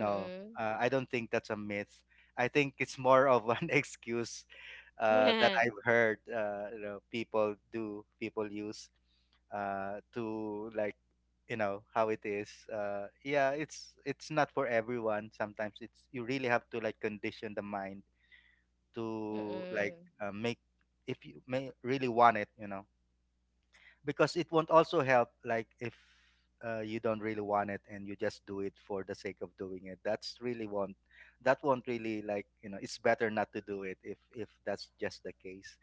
Speaker 1: mm, mm.
Speaker 2: I don't think that's a myth. I think it's more of an excuse that I've heard, you know, people do, people use to like, you know how it is. Yeah, it's not for everyone. Sometimes it's you really have to like condition the mind to like
Speaker 1: Mm-mm.
Speaker 2: make, if you may really want it. You know, because it won't also help like if you don't really want it and you just do it for the sake of doing it, that's really won't, that won't really like, you know, it's better not to do it if that's just the case.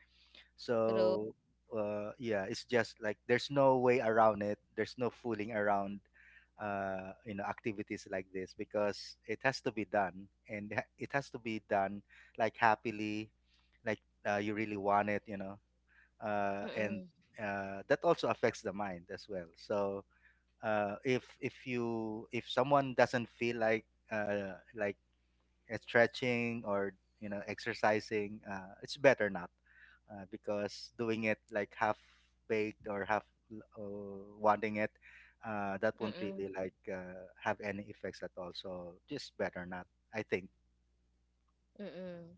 Speaker 1: True.
Speaker 2: So yeah, it's just like there's no way around it, there's no fooling around you know, activities like this, because it has to be done and it has to be done, like, happily, like, you really want it, you know. And
Speaker 1: Mm-mm.
Speaker 2: that also affects the mind as well. So if you, if someone doesn't feel like stretching or you know exercising, it's better not, because doing it like half baked or half uh, wanting it, that won't
Speaker 1: Mm-mm.
Speaker 2: really like have any effects at all. So just better not, I think.
Speaker 1: Mm-mm.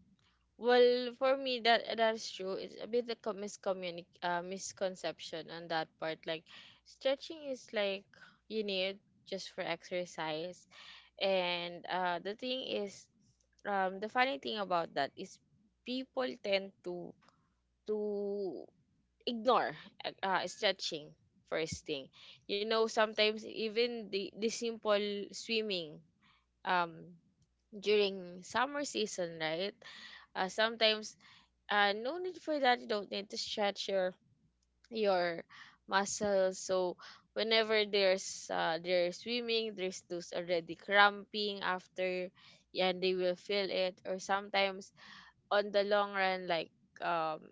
Speaker 1: Well, for me, that that is true. It's a bit of co- miscommunic misconception on that part. Like, stretching is like you need just for exercise. And the thing is, the funny thing about that is people tend to to ignore stretching first thing. You know, sometimes even the simple swimming um during summer season, right? Sometimes no need for that. You don't need to stretch your your muscles. So whenever there's they're swimming, there's those already cramping after, and they will feel it. Or sometimes on the long run, like um,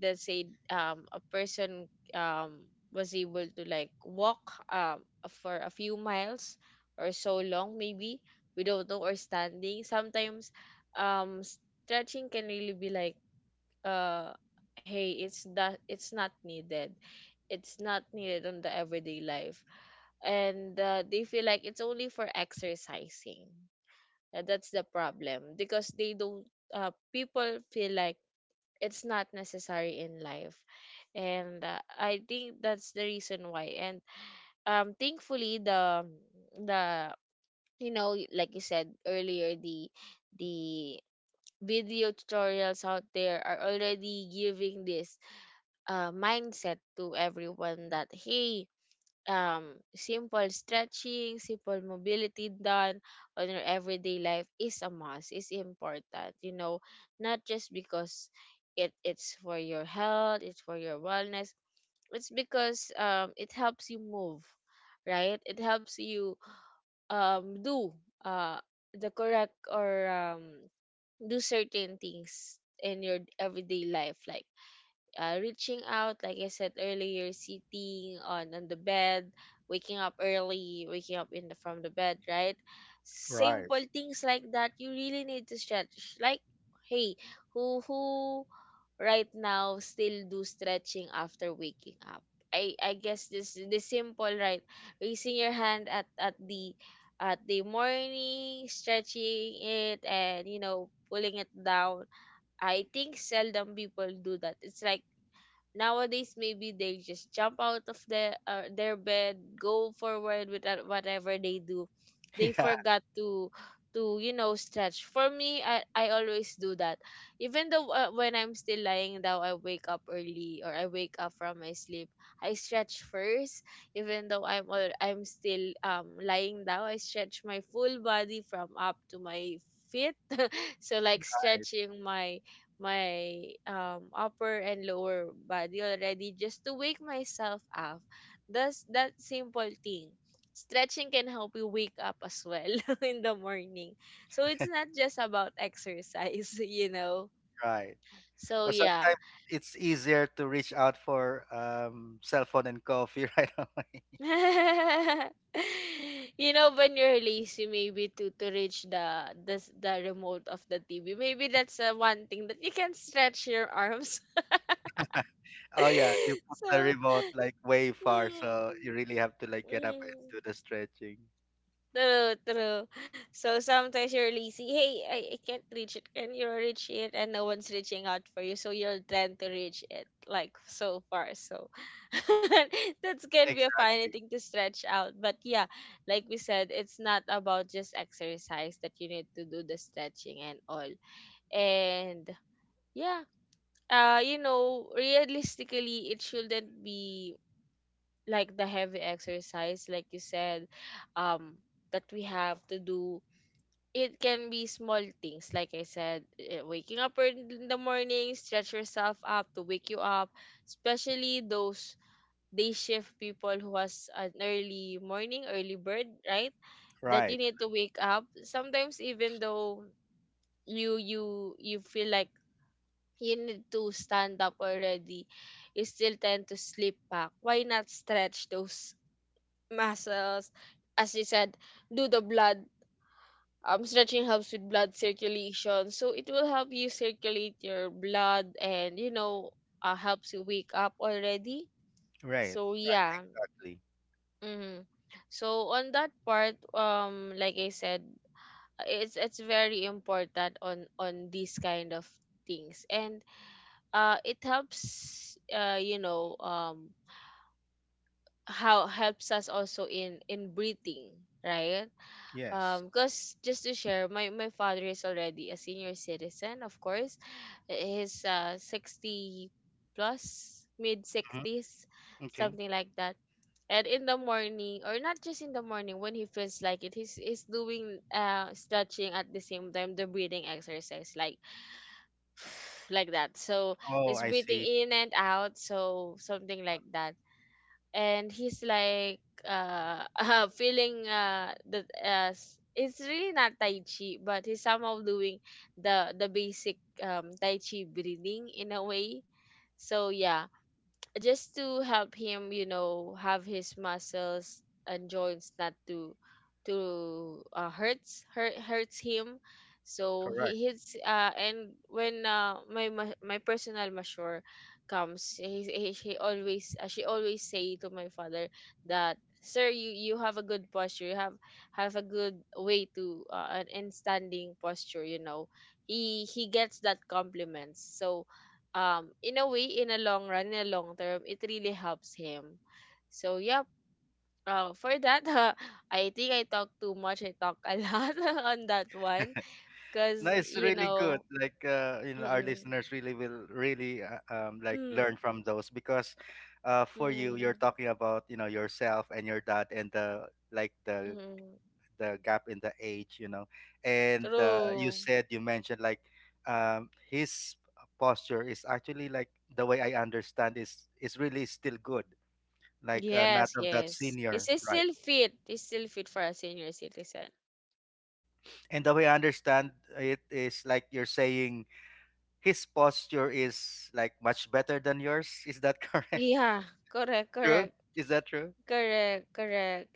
Speaker 1: let's say a person um was able to like walk um for a few miles or so long, maybe, we don't know, or standing sometimes. um Stretching can really be like uh hey, it's not needed. It's not needed on the everyday life, and they feel like it's only for exercising. That's the problem because they don't people feel like it's not necessary in life. And I think that's the reason why. And thankfully the you know, like you said earlier, the the video tutorials out there are already giving this mindset to everyone that, hey, simple stretching, simple mobility done on your everyday life is a must, is important, you know, not just because it's for your health, it's for your wellness. It's because it helps you move, right? It helps you do uh the correct, or do certain things in your everyday life, like reaching out, like I said earlier, sitting on the bed, waking up early, waking up in the, from the bed, right?
Speaker 2: Right.
Speaker 1: Simple things like that. You really need to stretch. Like, hey, who right now still do stretching after waking up? I guess this the simple, right, raising your hand at at the morning, stretching it, and you know, pulling it down. I think seldom people do that. It's like nowadays maybe they just jump out of the their bed, go forward with whatever they do, they
Speaker 2: Yeah,
Speaker 1: forgot to you know, stretch. For me, I always do that. Even though when I'm still lying down, I wake up early, or I wake up from my sleep, I stretch first. Even though I'm still lying down, I stretch my full body from up to my feet, so like stretching my upper and lower body already, just to wake myself up. Does that simple thing. Stretching can help you wake up as well in the morning. So it's not just about exercise, you know.
Speaker 2: right.
Speaker 1: So
Speaker 2: But
Speaker 1: yeah.
Speaker 2: sometimes it's easier to reach out for cell phone and coffee right away.
Speaker 1: You know, when you're lazy maybe to reach the remote of the TV. Maybe that's one thing that you can stretch your arms.
Speaker 2: Oh yeah, you put the
Speaker 1: So
Speaker 2: remote like way far, so you
Speaker 1: mm,
Speaker 2: really have to like get up and
Speaker 1: mm.
Speaker 2: do the stretching.
Speaker 1: True, true. So sometimes you're lazy. Hey, I can't reach it. Can you reach it? And no one's reaching out for you. So you're trying to reach it like so far. So that's can be a funny
Speaker 2: Exactly.
Speaker 1: thing to stretch out. But yeah, like we said, it's not about just exercise that you need to do the stretching and all. And yeah, you know, realistically, it shouldn't be like the heavy exercise, like you said, um, that we have to do. It can be small things, like I said, eh, waking up early in the morning, stretch yourself up to wake you up, especially those day shift people who has an early morning, early bird, right, that you
Speaker 2: Right.
Speaker 1: need to wake up. Sometimes even though you feel like you need to stand up already, you still tend to sleep back. Why not stretch those muscles? As you said, do the blood stretching helps with blood circulation, so it will help you circulate your blood, and you know, helps you wake up already.
Speaker 2: Right.
Speaker 1: So
Speaker 2: Right.
Speaker 1: yeah.
Speaker 2: Exactly.
Speaker 1: Hmm. So on that part, like I said, it's very important on these kind of things. And it helps you know, how helps us also in breathing, right?
Speaker 2: Yes.
Speaker 1: Because just to share, my father is already a senior citizen, of course. He's 60 plus, mid
Speaker 2: Mhm.
Speaker 1: 60s,
Speaker 2: Okay.
Speaker 1: something like that. And in the morning, or not just in the morning, when he feels like it, he's doing stretching at the same time the breathing exercise, like that. So
Speaker 2: Oh,
Speaker 1: he's
Speaker 2: I
Speaker 1: breathing
Speaker 2: see.
Speaker 1: in and out, so something like that. And he's like feeling that as it's really not tai chi, but he's somehow doing the basic tai chi breathing in a way. So yeah, just to help him, you know, have his muscles and joints not to hurts him. So
Speaker 2: Correct.
Speaker 1: he his and when my my personal masseur comes, he she always say to my father that, sir, you have a good posture, you have a good way to an in standing posture, you know. He gets that compliments. So in a way, in a long run, in a long term, it really helps him. So yep. For that, I think I talk too much. I talk a lot on that one,
Speaker 2: No,
Speaker 1: because
Speaker 2: it's
Speaker 1: you
Speaker 2: really good.
Speaker 1: know.
Speaker 2: Like, you know, our
Speaker 1: Mm,
Speaker 2: listeners really will really like
Speaker 1: mm,
Speaker 2: learn from those, because for you, you're
Speaker 1: mm,
Speaker 2: talking about, you know, yourself and your dad and the, like the
Speaker 1: mm,
Speaker 2: the gap in the age, you know. And you
Speaker 1: true.
Speaker 2: said, you mentioned like his posture is actually like, the way I understand is really still good, like, not
Speaker 1: Yes,
Speaker 2: of that
Speaker 1: yes, he's
Speaker 2: senior,
Speaker 1: he's
Speaker 2: right?
Speaker 1: still fit, he's still fit for a senior citizen.
Speaker 2: And the way I understand it is like you're saying his posture is like much better than yours. Is that correct?
Speaker 1: Yeah, correct,
Speaker 2: True?
Speaker 1: correct.
Speaker 2: Is that true?
Speaker 1: Correct, correct.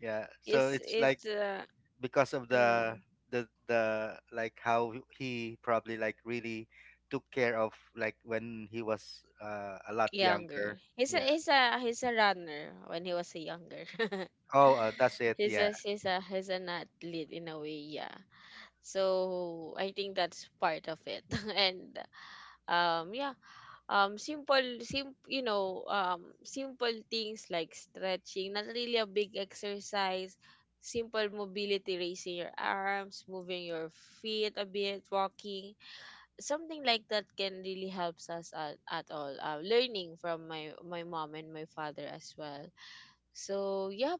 Speaker 2: Yeah. So it's like
Speaker 1: It's
Speaker 2: because of
Speaker 1: mm,
Speaker 2: the the like how he probably like really took care of like when he was, a lot
Speaker 1: Younger.
Speaker 2: younger.
Speaker 1: He's a
Speaker 2: Yeah.
Speaker 1: he's a he's a runner when he was a younger.
Speaker 2: Oh, that's it.
Speaker 1: he's
Speaker 2: Yeah.
Speaker 1: a he's a he's an athlete in a way, yeah. So I think that's part of it. And yeah, simple sim you know, simple things like stretching, not really a big exercise, simple mobility, raising your arms, moving your feet a bit, walking, something like that can really helps us at all, learning from my my mom and my father as well. So yep,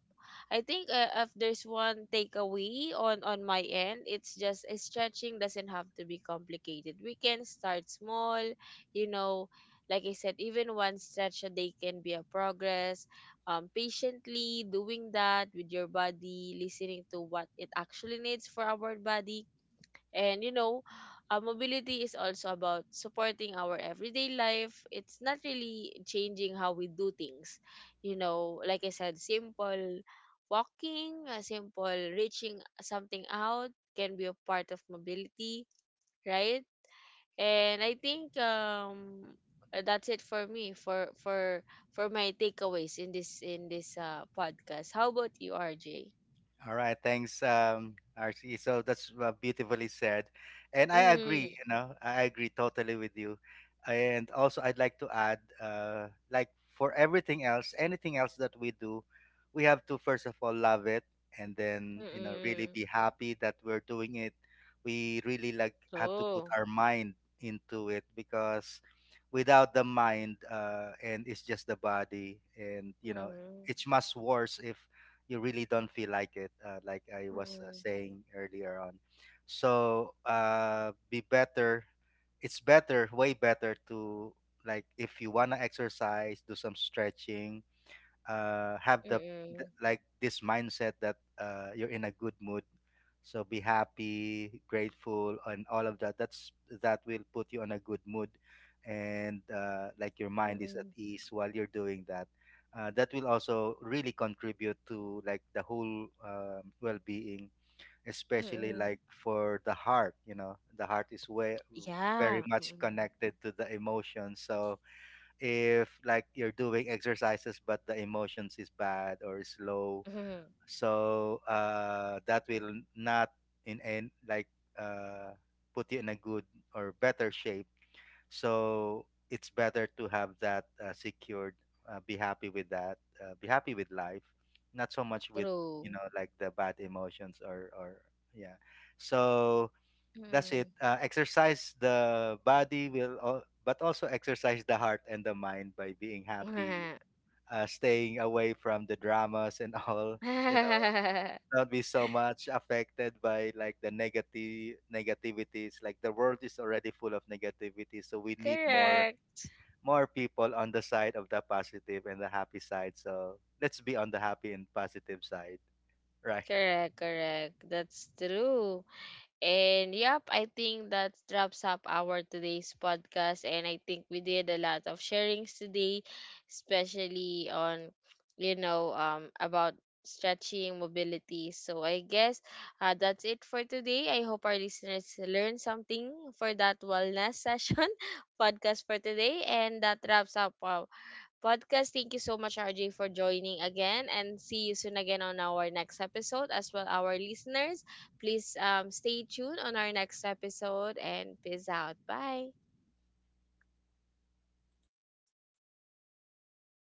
Speaker 1: I think if there's one takeaway on my end, it's just stretching doesn't have to be complicated. We can start small, you know, like I said, even one stretch a day can be a progress. Patiently doing that with your body, listening to what it actually needs for our body. And you know, mobility is also about supporting our everyday life. It's not really changing how we do things. You know, like I said, simple walking, a simple reaching something out can be a part of mobility, right? And I think that's it for me for my takeaways in this podcast. How about you, RJ?
Speaker 2: All right, thanks, RC. So that's beautifully said, and I
Speaker 1: Mm-hmm.
Speaker 2: agree. You know, I agree totally with you. And also, I'd like to add, like, for everything else, anything else that we do, we have to first of all love it, and then, you know, really
Speaker 1: Mm-hmm.
Speaker 2: be happy that we're doing it. We really like have to put
Speaker 1: So.
Speaker 2: our mind into it, because without the mind, and it's just the body, and you know,
Speaker 1: Mm-hmm.
Speaker 2: it's much worse if you really don't feel like it, like I was saying earlier on. So be better, it's better, way better to like if you want to exercise, do some stretching, have the,
Speaker 1: Mm,
Speaker 2: like this mindset that you're in a good mood. So be happy, grateful, and all of that, that's that will put you on a good mood. And like your mind is at
Speaker 1: mm,
Speaker 2: ease while you're doing that. That will also really contribute to like the whole, well-being, especially
Speaker 1: mm.
Speaker 2: like for the heart. You know, the heart is way very
Speaker 1: Yeah,
Speaker 2: much
Speaker 1: mm.
Speaker 2: connected to the emotions. So if like you're doing exercises but the emotions is bad or is low,
Speaker 1: Mhm.
Speaker 2: so that will not in and like uh put you in a good or better shape. So it's better to have that secured, be happy with that, be happy with life, not so much with, you
Speaker 1: True.
Speaker 2: know, like the bad emotions or, yeah. So that's it.
Speaker 1: Mm.
Speaker 2: Exercise the body will, but also exercise the heart and the mind by being happy, staying away from the dramas and all. You know, not be so much affected by like the negative negativities. Like the world is already full of negativity, so we need more
Speaker 1: Correct.
Speaker 2: more people on the side of the positive and the happy side. So let's be on the happy and positive side, right?
Speaker 1: Correct, correct. That's true. And yep, I think that wraps up our today's podcast. And I think we did a lot of sharings today, especially on, you know, about stretching mobility. So I guess that's it for today. I hope our listeners learned something for that wellness session podcast for today. And that wraps up our podcast. Thank you so much, RJ, for joining again, and see you soon again on our next episode. As well, our listeners, please stay tuned on our next episode, and peace out. Bye.